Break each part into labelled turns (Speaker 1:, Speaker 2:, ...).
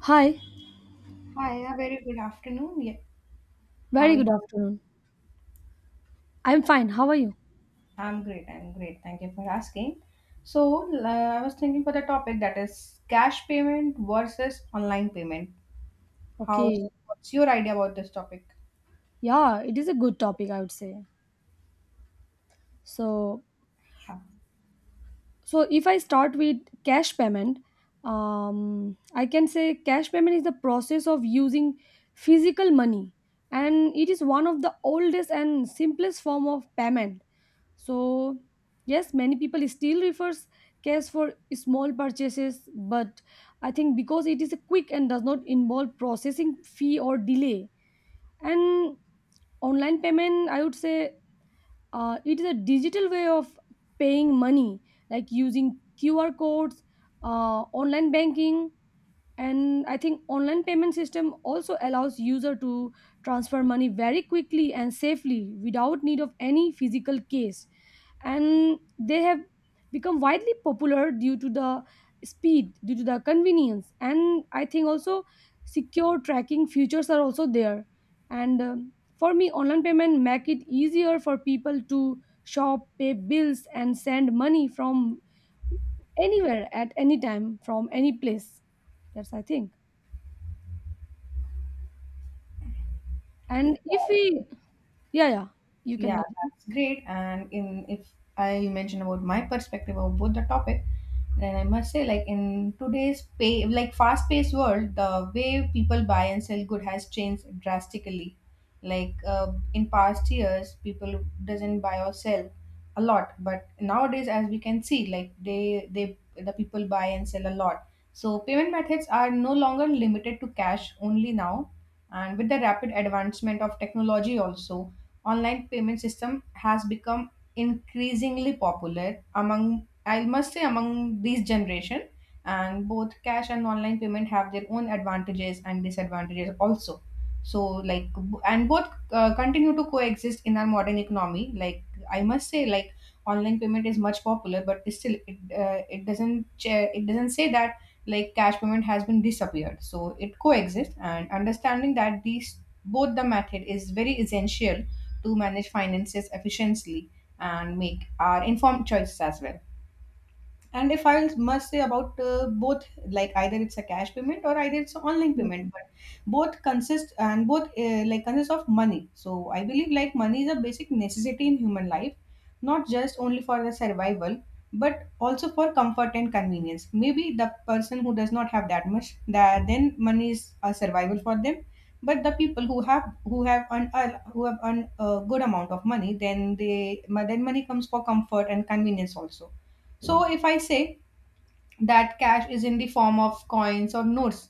Speaker 1: Hi,
Speaker 2: Hi, a very good afternoon. Yeah, how
Speaker 1: very
Speaker 2: are you?
Speaker 1: good afternoon. I'm fine. How are you?
Speaker 2: I'm great. I'm great. Thank you for asking. So, I was thinking for the topic that is cash payment versus online payment. How,
Speaker 1: Okay.
Speaker 2: what's your idea about this topic?
Speaker 1: Yeah, it is a good topic, I would say. So,
Speaker 2: Yeah.
Speaker 1: so, if I start with cash payment, I can say cash payment is the process of using physical money, and it is one of the oldest and simplest form of payment. So, yes, many people still refers cash for small purchases, but I think because it is quick and does not involve processing fee or delay. And online payment I would say it is a digital way of paying money, like using QR codes, online banking. And I think online payment system also allows user to transfer money very quickly and safely without need of any physical case, and they have become widely popular due to the speed, due to the convenience, and I think also secure tracking features are also there. And for me online payment make it easier for people to shop, pay bills and send money from anywhere at any time from any place. That's I think. And if we, yeah, yeah, you can
Speaker 2: Yeah,
Speaker 1: continue.
Speaker 2: that's great. And in if I mention about my perspective of both the topic, then I must say like in today's pay like fast paced world, the way people buy and sell good has changed drastically. Like in past years, people doesn't buy or sell a lot, but nowadays, as we can see, like the people buy and sell a lot. So payment methods are no longer limited to cash only now, and with the rapid advancement of technology also online payment system has become increasingly popular among I must say among this generation, and both cash and online payment have their own advantages and disadvantages also. So like b- and both continue to coexist in our modern economy. Like I must say like online payment is much popular, but it's still it doesn't say that like cash payment has been disappeared, so it coexists, and understanding that these both the method is very essential to manage finances efficiently and make our informed choices as well. And if I must say about both, like either it's a cash payment or either it's an online
Speaker 1: Yes,
Speaker 2: payment, but both consist and both consist of money. So I believe like money is a basic necessity in human life, not just only for the survival, but also for comfort and convenience. Maybe the person who does not have that much, that then money is a survival for them. But the people who have earned a good amount of money, then they then money comes for comfort and convenience also. So if I say that cash is in the form of coins or notes,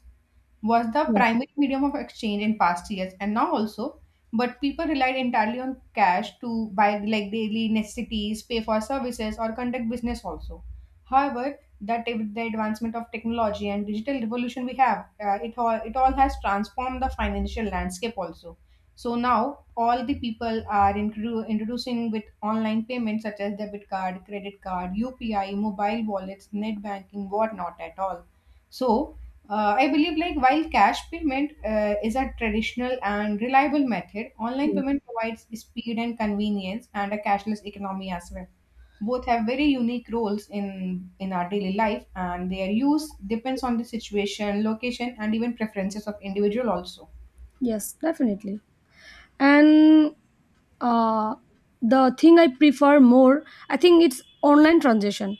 Speaker 2: was the
Speaker 1: yes,
Speaker 2: primary medium of exchange in past years and now also, but people relied entirely on cash to buy like daily necessities, pay for services or conduct business also. However that with the advancement of technology and digital revolution, we have it all has transformed the financial landscape also. So now all the people are introducing with online payments such as debit card, credit card, UPI, mobile wallets, net banking, whatnot at all. So I believe like while cash payment is a traditional and reliable method, online
Speaker 1: yes,
Speaker 2: payment provides speed and convenience and a cashless economy as well. Both have very unique roles in our daily life, and their use depends on the situation, location and even preferences of individual also.
Speaker 1: yes, definitely. And uh, the thing I prefer more, I think it's online transaction.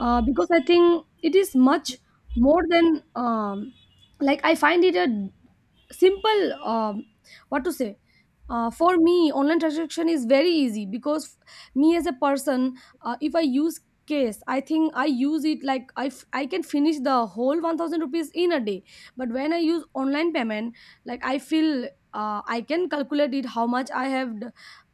Speaker 1: Because I think it is much more than like I find it a simple. What to say. For me, online transaction is very easy because me as a person, if I use case, I think I use it like I, I can finish the whole ₹1,000 in a day. But when I use online payment, like I feel I can calculate it how much I have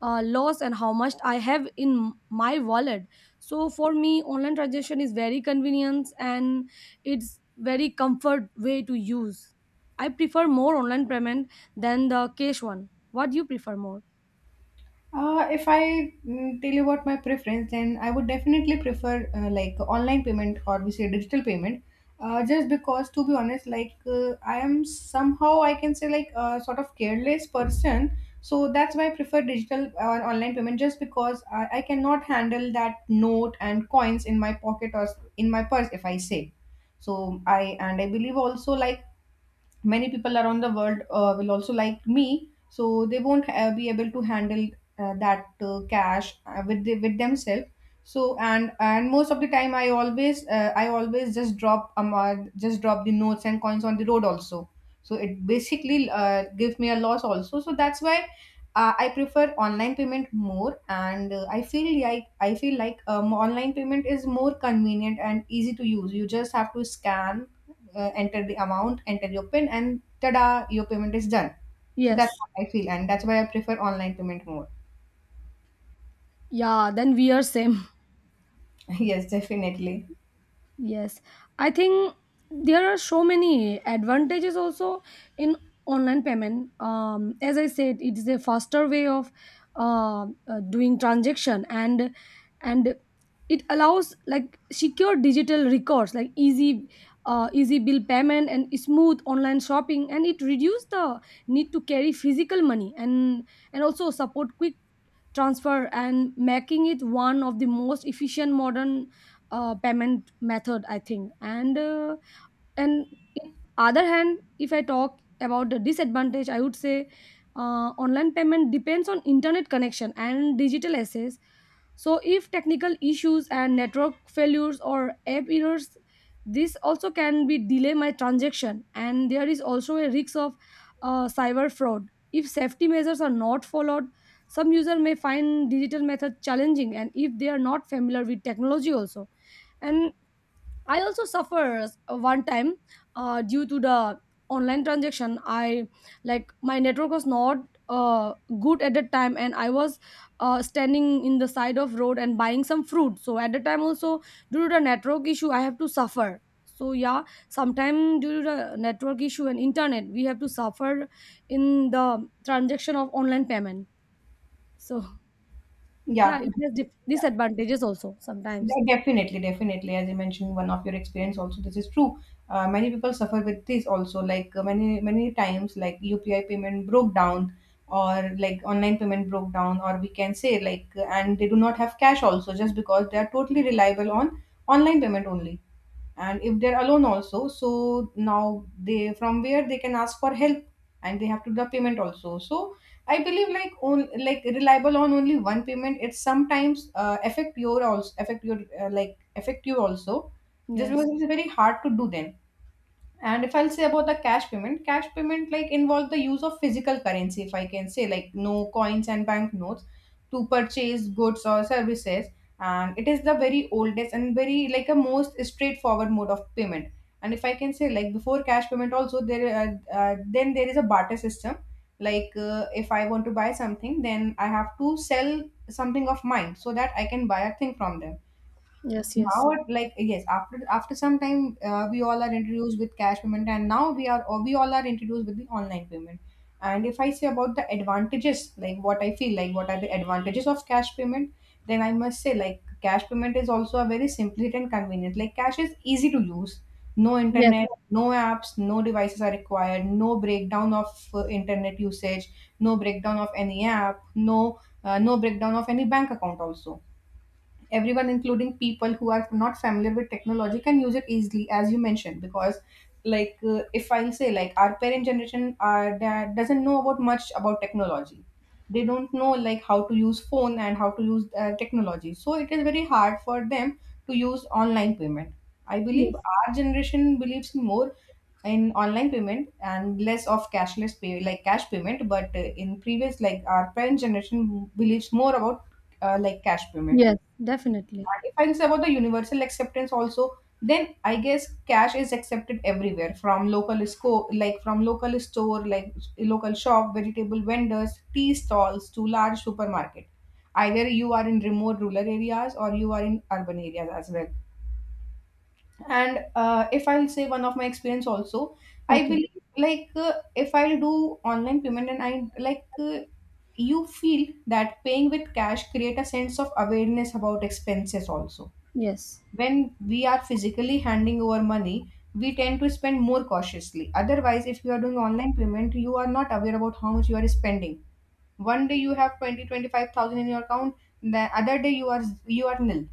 Speaker 1: loss and how much I have in my wallet. So for me, online transaction is very convenient and it's very comfort way to use. I prefer more online payment than the cash one. What do you prefer more?
Speaker 2: If I tell you about my preference, then I would definitely prefer like online payment or we say digital payment. Just because, to be honest, like I am somehow I can say like a sort of careless person. So that's why I prefer digital or online payment, just because I cannot handle that note and coins in my pocket or in my purse if I say. So I and I believe also like many people around the world will also like me, so they won't be able to handle that cash with with themselves. So and most of the time I always I always just drop the notes and coins on the road also. So it basically gives me a loss also, so that's why I prefer online payment more, and I feel like online payment is more convenient and easy to use. You just have to scan, enter the amount, enter your PIN, and tada, your payment is done. So that's
Speaker 1: Yes.
Speaker 2: what I feel, and that's why I prefer online payment more.
Speaker 1: Yeah, then we are same.
Speaker 2: Yes, definitely.
Speaker 1: Yes, I think there are so many advantages also in online payment. As I said, it is a faster way of doing transaction, and and it allows like secure digital records, like easy easy bill payment and smooth online shopping, and it reduces the need to carry physical money, and also support quick transfer, and making it one of the most efficient modern payment method I think. And and in other hand, if I talk about the disadvantage I would say online payment depends on internet connection and digital assets, so if technical issues and network failures or app errors, this also can be delay my transaction. And there is also a risk of cyber fraud if safety measures are not followed. Some user may find digital method challenging, and if they are not familiar with technology also. And I also suffer one time due to the online transaction. I like my network was not uh, good at that time, and I was standing in the side of road and buying some fruit, so at the time also, due to the network issue I have to suffer. So yeah, sometime due to the network issue and internet we have to suffer in the transaction of online payment. So yeah,
Speaker 2: Yeah.
Speaker 1: it has disadvantages also sometimes.
Speaker 2: Yeah, definitely, definitely. As you mentioned, one of your experience also, this is true. Many people suffer with this also. Like many many times, like UPI payment broke down, or like online payment broke down, or we can say like, and they do not have cash also, just because they are totally reliable on online payment only. And if they're alone also, so now they from where they can ask for help, and they have to do the payment also. So I believe like on like reliable on only one payment, it sometimes affect your affect you also, just
Speaker 1: Yes,
Speaker 2: because it's very hard to do then. And if I'll say about the cash payment like involve the use of physical currency, if I can say, like no coins and banknotes to purchase goods or services. And it is the very oldest and very like a most straightforward mode of payment. And if I can say, like before cash payment, also there then there is a barter system. Like if I want to buy something, then I have to sell something of mine so that I can buy a thing from them
Speaker 1: yes, yes,
Speaker 2: now. It like yes after some time, we all are introduced with cash payment, and now we all are introduced with the online payment. And if I say about the advantages, like what I feel, like what are the advantages of cash payment, then I must say like cash payment is also a very simple and convenient. Like cash is easy to use, no
Speaker 1: yes.
Speaker 2: internet, no apps, no devices are required, no breakdown of internet usage, no breakdown of any app, no breakdown of any bank account also. Everyone including people who are not familiar with technology can use it easily, as you mentioned, because like if I say like our parent generation are that doesn't know about much about technology, they don't know like how to use phone and how to use technology, so it is very hard for them to use online payment. I believe
Speaker 1: Yes.
Speaker 2: our generation believes more in online payment and less of cash payment, but in previous like our parent generation believes more about like cash payment.
Speaker 1: Yes, definitely.
Speaker 2: And if I say about the universal acceptance also, then I guess cash is accepted everywhere from like from local store, like local shop, vegetable vendors, tea stalls to large supermarket. Either you are in remote rural areas or you are in urban areas as well. And if I'll say one of my experience also, I
Speaker 1: Okay.
Speaker 2: believe like if I'll do online payment and I like you feel that paying with cash create a sense of awareness about expenses also.
Speaker 1: Yes.
Speaker 2: When we are physically handing over money, we tend to spend more cautiously. Otherwise, if you are doing online payment, you are not aware about how much you are spending. One day you have 20, 25,000 in your account, the other day you are nil.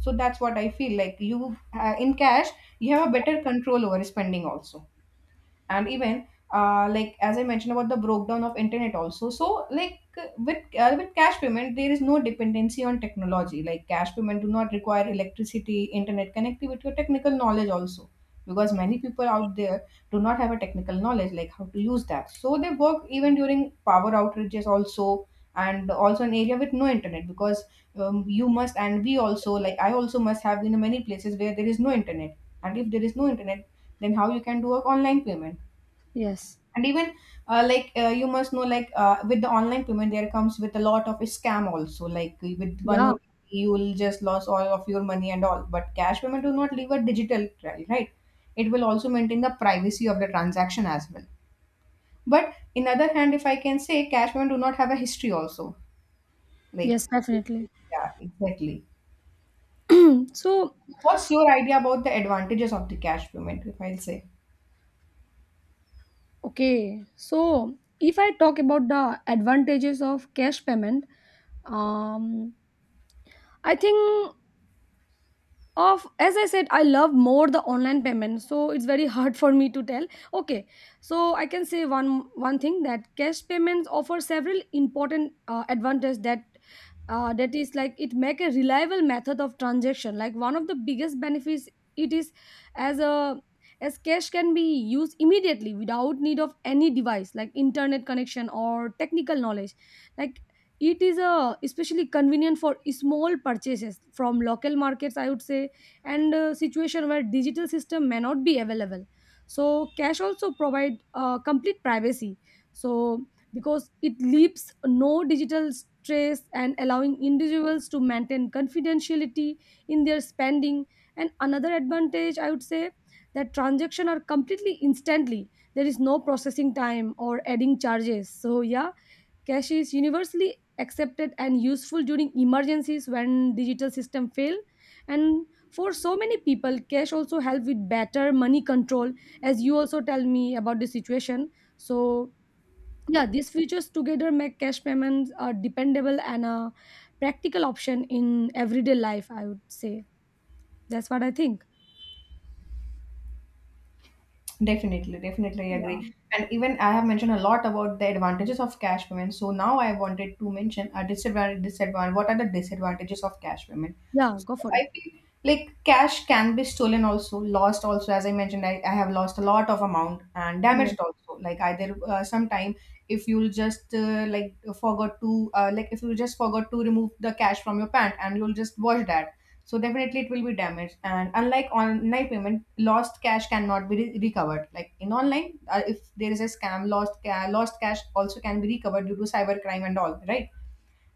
Speaker 2: So that's what I feel like. You In cash, you have a better control over spending also. And even like as I mentioned about the breakdown of internet also, so like with cash payment there is no dependency on technology. Like cash payment do not require electricity, internet connectivity or technical knowledge also, because many people out there do not have a technical knowledge like how to use that, so they work even during power outages also, and also an area with no internet. Because you must and we also like I also must have been in many places where there is no internet, and if there is no internet, then how you can do a online payment?
Speaker 1: Yes.
Speaker 2: And even you must know like with the online payment there comes with a lot of scam also, like with one
Speaker 1: Yeah.
Speaker 2: OTP, you will just lose all of your money and all, but cash payment do not leave a digital trail, right? It will also maintain the privacy of the transaction as well. But in other hand, if I can say, cash payment do not have a history also. Like
Speaker 1: Yes, definitely.
Speaker 2: yeah, exactly.
Speaker 1: Mm. So,
Speaker 2: What's your idea about the advantages of the cash payment if I'll say?
Speaker 1: okay. So, if I talk about the advantages of cash payment, um, I think of, as I said, I love more the online payment, so it's very hard for me to tell. Okay, so I can say one thing that cash payments offer several important advantages, that is like it make a reliable method of transaction, like one of the biggest benefits it is, as a as cash can be used immediately without need of any device like internet connection or technical knowledge. Like, it is a especially convenient for small purchases from local markets I would say, and situation where digital system may not be available. So cash also provide complete privacy, so because it leaves no digital stress and allowing individuals to maintain confidentiality in their spending. And another advantage I would say, that transaction are completely instantly, there is no processing time or adding charges, so yeah. Cash is universally accepted and useful during emergencies when digital system fail, and for so many people cash also help with better money control, as you also tell me about the situation, so yeah. These features together make cash payments a dependable and a practical option in everyday life I would say. That's what I think.
Speaker 2: Definitely, definitely
Speaker 1: Yeah.
Speaker 2: agree. And even I have mentioned a lot about the advantages of cash payment. So now I wanted to mention a disadvantage. Disadvantage. What are the disadvantages of cash payment?
Speaker 1: Yeah,
Speaker 2: So
Speaker 1: go for it.
Speaker 2: I feel like cash can be stolen also, lost also. As I mentioned, I have lost a lot of amount and
Speaker 1: Yes.
Speaker 2: damaged also. Like either sometime if you'll just forgot to if you just forgot to remove the cash from your pant and you'll just wash that, so definitely it will be damaged. And unlike online payment, lost cash cannot be recovered. Like in online, if there is a scam, lost lost cash also can be recovered due to cyber crime and all, right?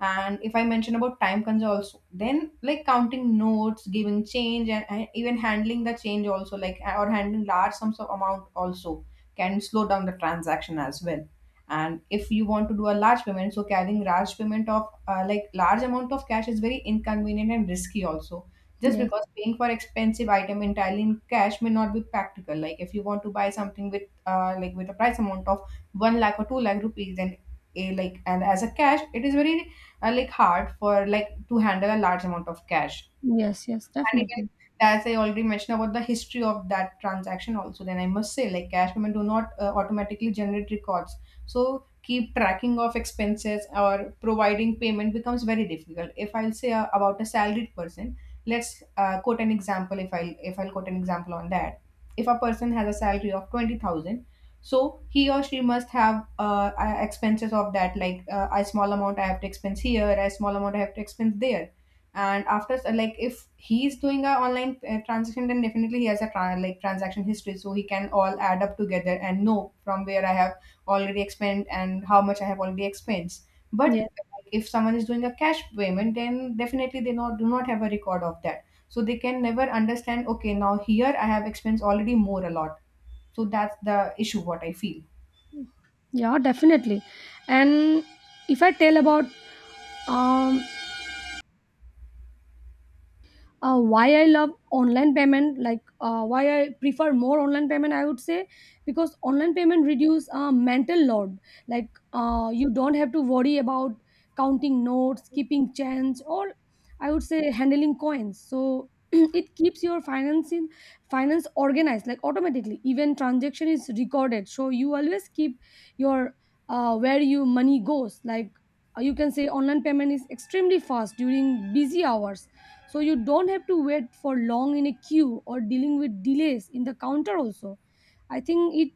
Speaker 2: And if I mention about time cons also, then like counting notes, giving change, and even handling the change also, like or handling large sums of amount also, can slow down the transaction as well. And if you want to do a large payment, so carrying large payment of large amount of cash is very inconvenient and risky also, just
Speaker 1: Yes.
Speaker 2: because paying for expensive item entirely in cash may not be practical. Like if you want to buy something with with a price amount of 1 lakh or 2 lakh rupees, then a, like, and as a cash, it is very hard for like to handle a large amount of cash.
Speaker 1: Yes, yes
Speaker 2: And again,
Speaker 1: definitely.
Speaker 2: as I already mentioned about the history of that transaction also, then I must say like cash payment do not automatically generate records. So keep tracking of expenses or providing payment becomes very difficult. If I'll say about a salaried person, let's quote an example. If I'll quote an example on that, if a person has a salary of 20,000, so he or she must have expenses of that, like, a small amount I have to expense here, a small amount I have to expense there. And after, like, if he's doing a online transaction, then definitely he has a transaction history, so he can all add up together and know from where I have already expended and how much I have already expensed. But
Speaker 1: Yeah.
Speaker 2: like, if someone is doing a cash payment, then definitely they not do not have a record of that, so they can never understand, okay, now here I have expense already more a lot. So that's the issue what I feel.
Speaker 1: Yeah, definitely. And if I tell about um why I love online payment, like why I prefer more online payment I would say, because online payment reduce mental load, like you don't have to worry about counting notes, keeping change, or I would say handling coins, so it keeps your financing finance organized, like automatically, even transaction is recorded so you always keep your where your money goes. Like, you can say online payment is extremely fast during busy hours, so you don't have to wait for long in a queue or dealing with delays in the counter also. I think it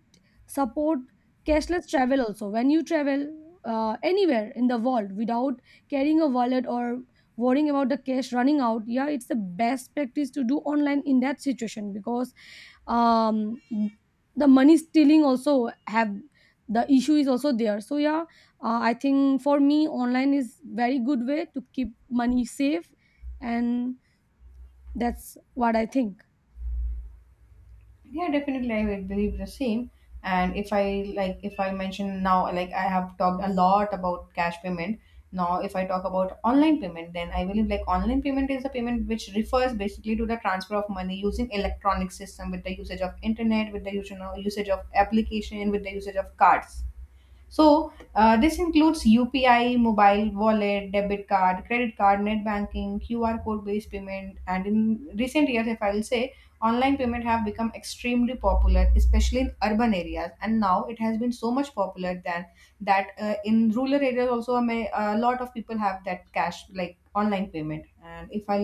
Speaker 1: support cashless travel also when you travel anywhere in the world without carrying a wallet or worrying about the cash running out. Yeah, it's the best practice to do online in that situation, because um the money stealing also have the issue is also there, so yeah. I think for me online is very good way to keep money safe, and that's what I think.
Speaker 2: Yeah, definitely, I would believe the same. And if I like, if I mention now, like I have talked a lot about cash payment. Now, if I talk about online payment, then I believe like online payment is a payment which refers basically to the transfer of money using electronic system with the usage of internet, with the usage of application, with the usage of cards. So, this includes UPI, mobile wallet, debit card, credit card, net banking, QR code based payment. And in recent years, if I will say, online payment have become extremely popular, especially in urban areas. And now it has been so much popular than that, in rural areas also, a lot of people have that cash like online payment. And if I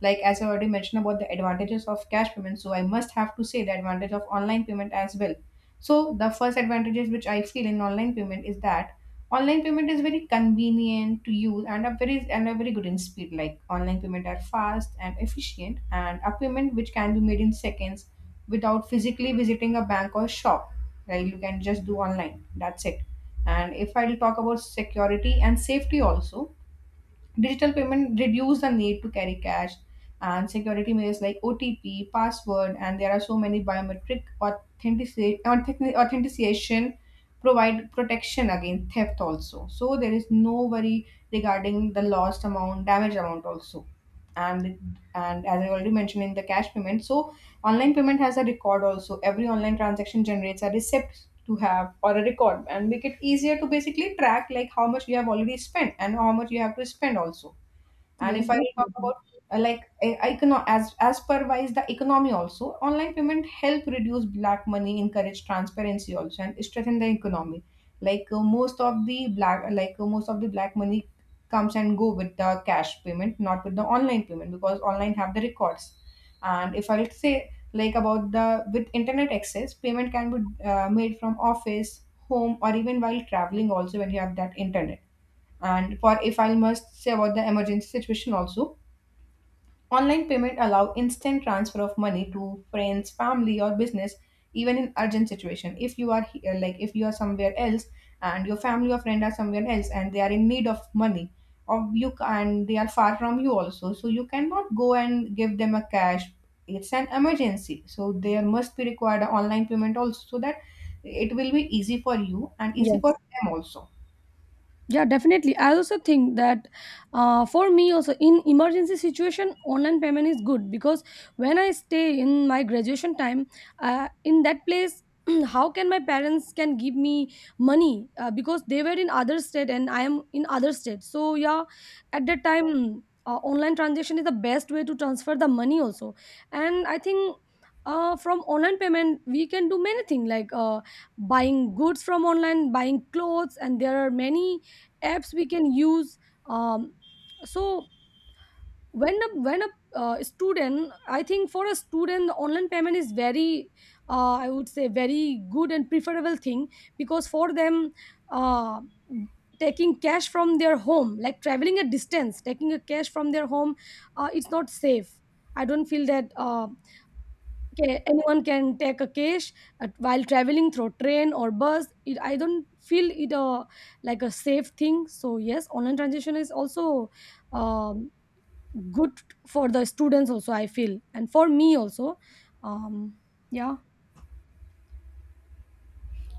Speaker 2: like, as I already mentioned about the advantages of cash payment, so I must have to say the advantage of online payment as well. So the first advantages which I feel in online payment is that online payment is very convenient to use and a very good in speed. Like online payment are fast and efficient, and a payment which can be made in seconds without physically visiting a bank or shop. Right? You can just do online. That's it. And if I'll talk about security and safety also, digital payment reduce the need to carry cash, and security measures like OTP, password, and there are so many biometric authentication provide protection against theft also. So there is no worry regarding the lost amount, damage amount also. And as I already mentioned in the cash payment, so online payment has a record also. Every online transaction generates a receipt to have or a record and make it easier to basically track like how much you have already spent and how much you have to spend also. And
Speaker 1: Yes,
Speaker 2: if I will talk
Speaker 1: definitely.
Speaker 2: about as per wise the economy also, online payment help reduce black money, encourage transparency also, and strengthen the economy. Like, most of the black, like, most of the black money comes and go with the cash payment, not with the online payment, because online have the records. And if I will say like about the with internet access, payment can be made from office, home, or even while traveling also, when you have that internet. And for if I must say about the emergency situation also, online payment allow instant transfer of money to friends, family, or business, even in urgent situation. If you are here, like if you are somewhere else, and your family or friend are somewhere else, and they are in need of money, or you ca- and they are far from you also, so you cannot go and give them a cash. It's an emergency, so there must be required a online payment also, so that it will be easy for you and easy for
Speaker 1: Yes.
Speaker 2: them also.
Speaker 1: Yeah, definitely, I also think that for me also, in emergency situation online payment is good, because when I stay in my graduation time in that place, how can my parents can give me money, because they were in other state and I am in other state, so yeah, at that time online transaction is the best way to transfer the money also. And I think from online payment we can do many things, like buying goods from online, buying clothes, and there are many apps we can use. um, so when a student, I think for a student the online payment is very I would say very good and preferable thing, because for them uh, taking cash from their home, like traveling a distance, taking a cash from their home, it's not safe. I don't feel that okay, anyone can take a cash while traveling through train or bus. It, I don't feel it a like a safe thing. So yes, online transaction is also um, good for the students. Also, I feel, and for me also. Um, yeah.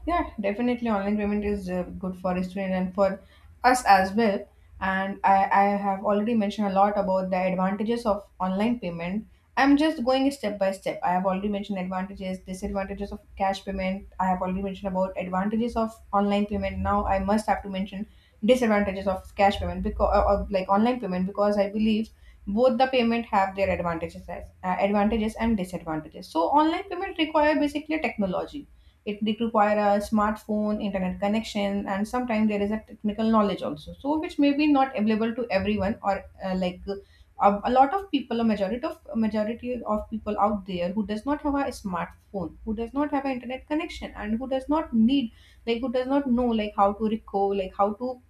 Speaker 2: Yeah, definitely online payment is good for a student and for us as well. And I have already mentioned a lot about the advantages of online payment. I'm just going step by step. I have already mentioned advantages, disadvantages of cash payment. I have already mentioned about advantages of online payment. Now I must have to mention disadvantages of cash payment because or online payment, because I believe both the payment have their advantages as advantages and disadvantages. So online payment require basically technology. It did require a smartphone, internet connection, and sometimes there is a technical knowledge also. So which may be not available to everyone, or a lot of people, a majority of people out there who does not have a smartphone, who does not have an internet connection, and who does not need, like who does not know like how to record, like how to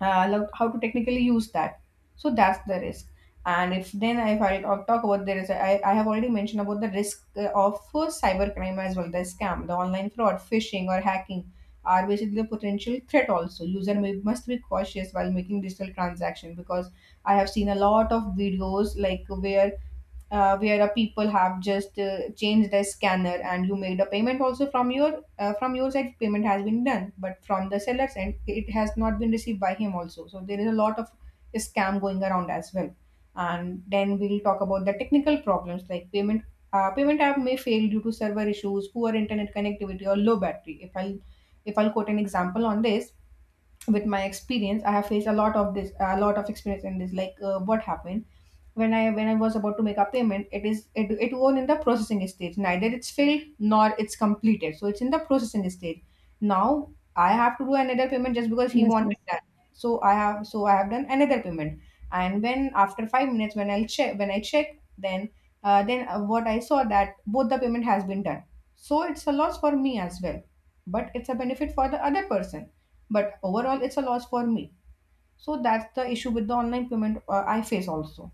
Speaker 2: how to technically use that. So that's the risk. And if then if I'll talk about, there is, I have already mentioned about the risk of cybercrime as well, the scam, the online fraud, phishing or hacking are basically a potential threat also. User may, must be cautious while making digital transaction, because I have seen a lot of videos like where, where a people have just changed their scanner, and you made a payment also from your, from your side, payment has been done, but from the seller's end it has not been received by him also. So there is a lot of scam going around as well. And then we'll talk about the technical problems, like payment, payment app may fail due to server issues, poor internet connectivity, or low battery. If I'll quote an example on this, with my experience I have faced a lot of this, a lot of experience in this. Like, what happened, when I was about to make a payment, it was in the processing stage, neither it's filled nor it's completed, so it's in the processing stage. Now I have to do another payment just because he
Speaker 1: Yes. Yes.
Speaker 2: wanted that. So I have done another payment. And when after 5 minutes when I check, then, what I saw, that both the payment has been done. So it's a loss for me as well, but it's a benefit for the other person. But overall it's a loss for me. So that's the issue with the online payment I face also.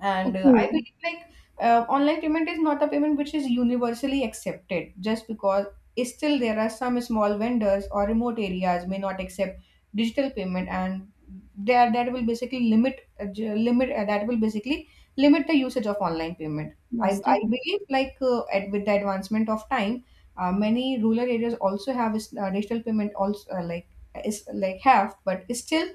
Speaker 2: And I
Speaker 1: Okay.
Speaker 2: believe like, online payment is not a payment which is universally accepted, just because still there are some small vendors or remote areas may not accept digital payment, and there that will basically limit that will basically limit the usage of online payment. I,
Speaker 1: Yes. That.
Speaker 2: I believe like, with the advancement of time, many rural areas also have digital payment also, like is like have, but still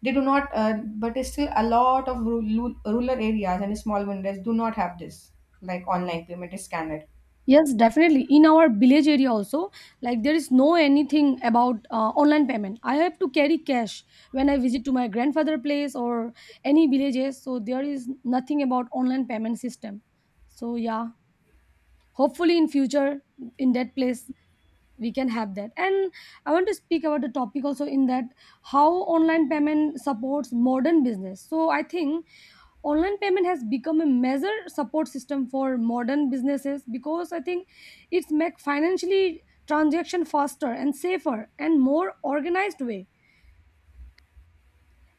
Speaker 2: they do not, but it's still a lot of rural areas and small vendors do not have this, like online payment is scanned.
Speaker 1: Yes, definitely. In our village area also, like there is no anything about online payment. I have to carry cash when I visit to my grandfather place or any villages. So there is nothing about online payment system. So yeah, hopefully in future in that place we can have that. And I want to speak about the topic also, in that how online payment supports modern business. So I think online payment has become a major support system for modern businesses, because I think it's make financially transaction faster and safer and more organized way.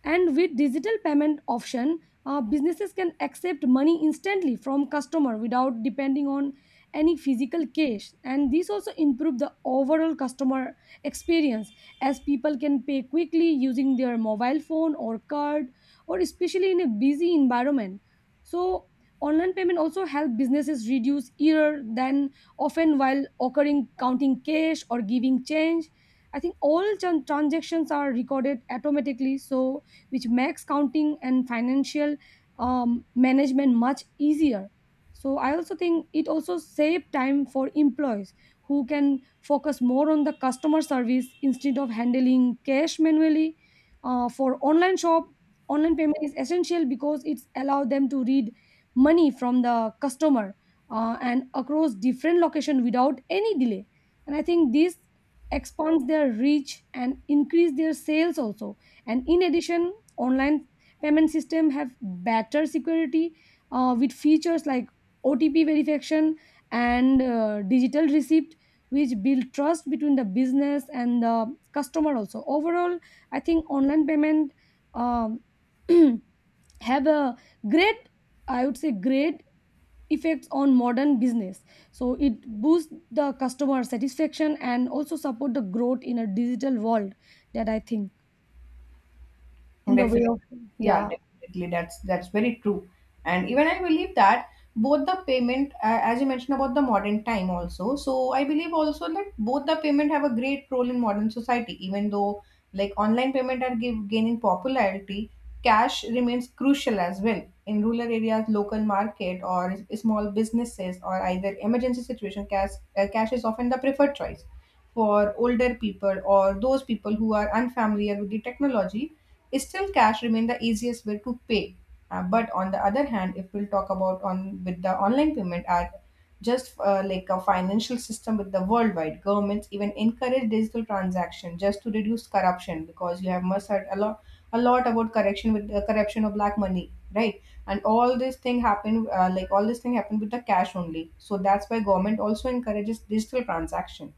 Speaker 1: And with digital payment option, businesses can accept money instantly from customer without depending on any physical cash, and this also improve the overall customer experience, as people can pay quickly using their mobile phone or card, or especially in a busy environment. So online payment also help businesses reduce error than often while occurring counting cash or giving change. I think all transactions are recorded automatically, so which makes counting and financial management much easier. So I also think it also save time for employees who can focus more on the customer service instead of handling cash manually. For online shop, online payment is essential, because it's allow them to read money from the customer and across different location without any delay. And I think this expands their reach and increase their sales also. And in addition, online payment system have better security with features like OTP verification and digital receipt, which build trust between the business and the customer also. Overall I think online payment um, have a great I would say great effects on modern business, so it boosts the customer satisfaction and also support the growth in a digital world, that I think. In the way
Speaker 2: Definitely.
Speaker 1: of,
Speaker 2: Yeah,
Speaker 1: yeah.
Speaker 2: definitely. That's very true. And even I believe that both the payment, as you mentioned about the modern time also, so I believe also that both the payment have a great role in modern society. Even though like online payment are gaining popularity, cash remains crucial as well in rural areas, local market or small businesses or either emergency situation. Cash, cash is often the preferred choice for older people or those people who are unfamiliar with the technology. Still, cash remains the easiest way to pay. But on the other hand, if we'll talk about on with the online payment are just like a financial system with the worldwide governments even encourage digital transaction just to reduce corruption because you have must heard a lot about corruption with the corruption of black money, right? And all this thing happen, like all this thing happened with the cash only, so that's why government also encourages digital transaction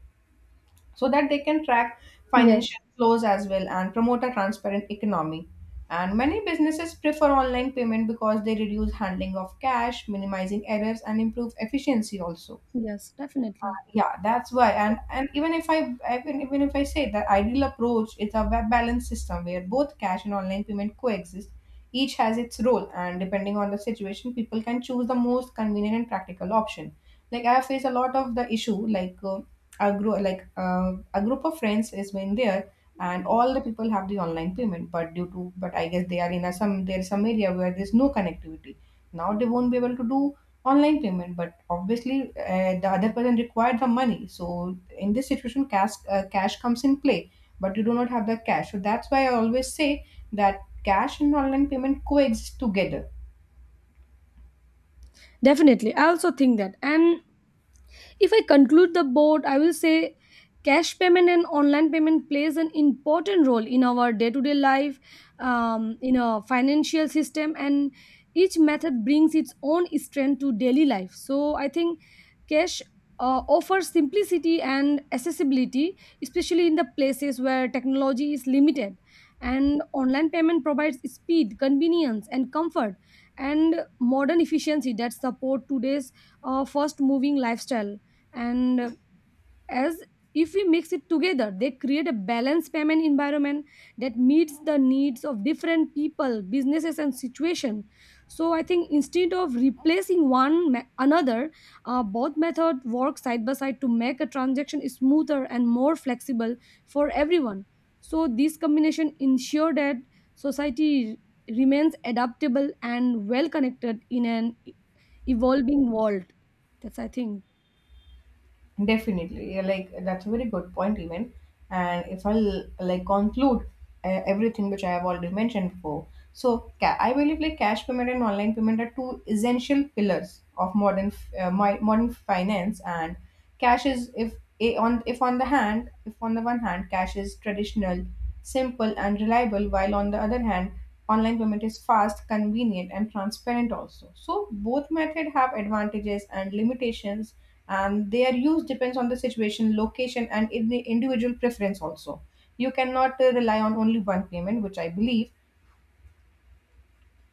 Speaker 2: so that they can track
Speaker 1: Yes.
Speaker 2: financial flows as well and promote a transparent economy. And many businesses prefer online payment because they reduce handling of cash, minimizing errors, and improve efficiency also.
Speaker 1: Yes, definitely.
Speaker 2: Yeah, that's why. And even if even if I say that ideal approach is a web balance system where both cash and online payment coexist, each has its role, and depending on the situation people can choose the most convenient and practical option. Like, I have faced a lot of the issue, like a group of friends is been there and all the people have the online payment, but due to, but I guess they are in a some, there's some area where there's no connectivity. Now they won't be able to do online payment, but obviously the other person required the money, so in this situation cash comes in play. But you do not have the cash, so that's why I always say that cash and online payment coexist together.
Speaker 1: Definitely. I also think that. And if I conclude the board I will say, cash payment and online payment plays an important role in our day-to-day life, in our financial system, and each method brings its own strength to daily life. So I think cash offers simplicity and accessibility, especially in the places where technology is limited, and online payment provides speed, convenience and comfort, and modern efficiency that support today's fast moving lifestyle. And as if we mix it together, they create a balanced payment environment that meets the needs of different people, businesses and situation. So I think instead of replacing one another, both method work side by side to make a transaction smoother and more flexible for everyone. So this combination ensure that society remains adaptable and well connected in an evolving world. That's I think.
Speaker 2: Definitely. Yeah, like that's a very good point even. And if I'll like conclude everything which I have already mentioned before. So I believe like cash payment and online payment are two essential pillars of modern finance. And cash is if a- on if on the hand if on the one hand cash is traditional, simple and reliable, while on the other hand online payment is fast, convenient and transparent also. So both method have advantages and limitations, and their use depends on the situation, location and individual preference also. You cannot rely on only one payment, which I believe.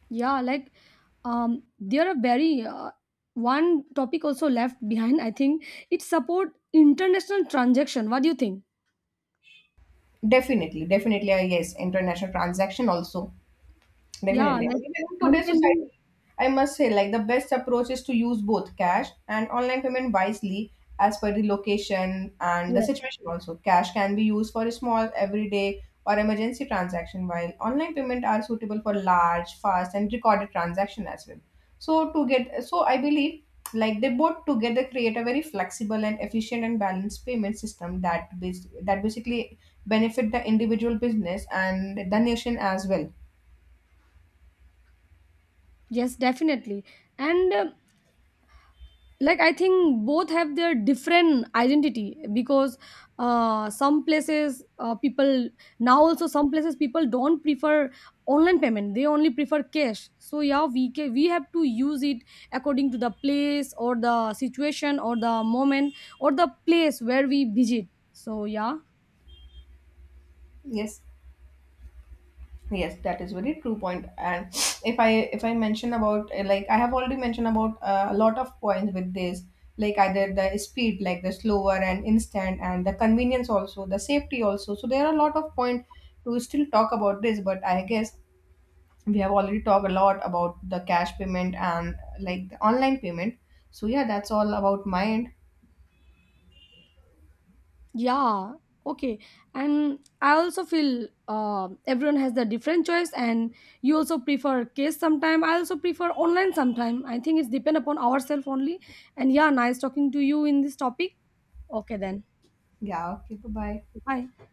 Speaker 1: Yeah, like there are very one topic also left behind I think. It support international transaction, what do you think?
Speaker 2: Definitely, definitely, yes, international transaction also.
Speaker 1: Yeah,
Speaker 2: Definitely. And
Speaker 1: like
Speaker 2: even in
Speaker 1: money
Speaker 2: today's
Speaker 1: can be.
Speaker 2: society, I must say, like, the best approach is to use both cash and online payment wisely as per the location and the
Speaker 1: Yes.
Speaker 2: situation also. Cash can be used for small, everyday, or emergency transaction, while online payment are suitable for large, fast, and recorded transaction as well. So I believe, like, they both together create a very flexible and efficient and balanced payment system that basically benefit the individual business and the nation as well.
Speaker 1: Yes, definitely. And like I think both have their different identity, because some places people, now also some places people don't prefer online payment, they only prefer cash. So yeah, we we have to use it according to the place or the situation or the moment or the place where we visit, so yeah.
Speaker 2: Yes. Yes, that is very true point. And if I mention about like I have already mentioned about a lot of points with this, like either the speed, like the slower and instant, and the convenience also, the safety also. So there are a lot of point to still talk about this, but I guess we have already talked a lot about the cash payment and like the online payment. So yeah, that's all about my end.
Speaker 1: Yeah, okay. And I also feel everyone has the different choice, and you also prefer case sometime, I also prefer online sometime, I think it's depend upon ourselves only. And yeah, nice talking to you in this topic. Okay then,
Speaker 2: Yeah. Okay. Bye bye.
Speaker 1: bye.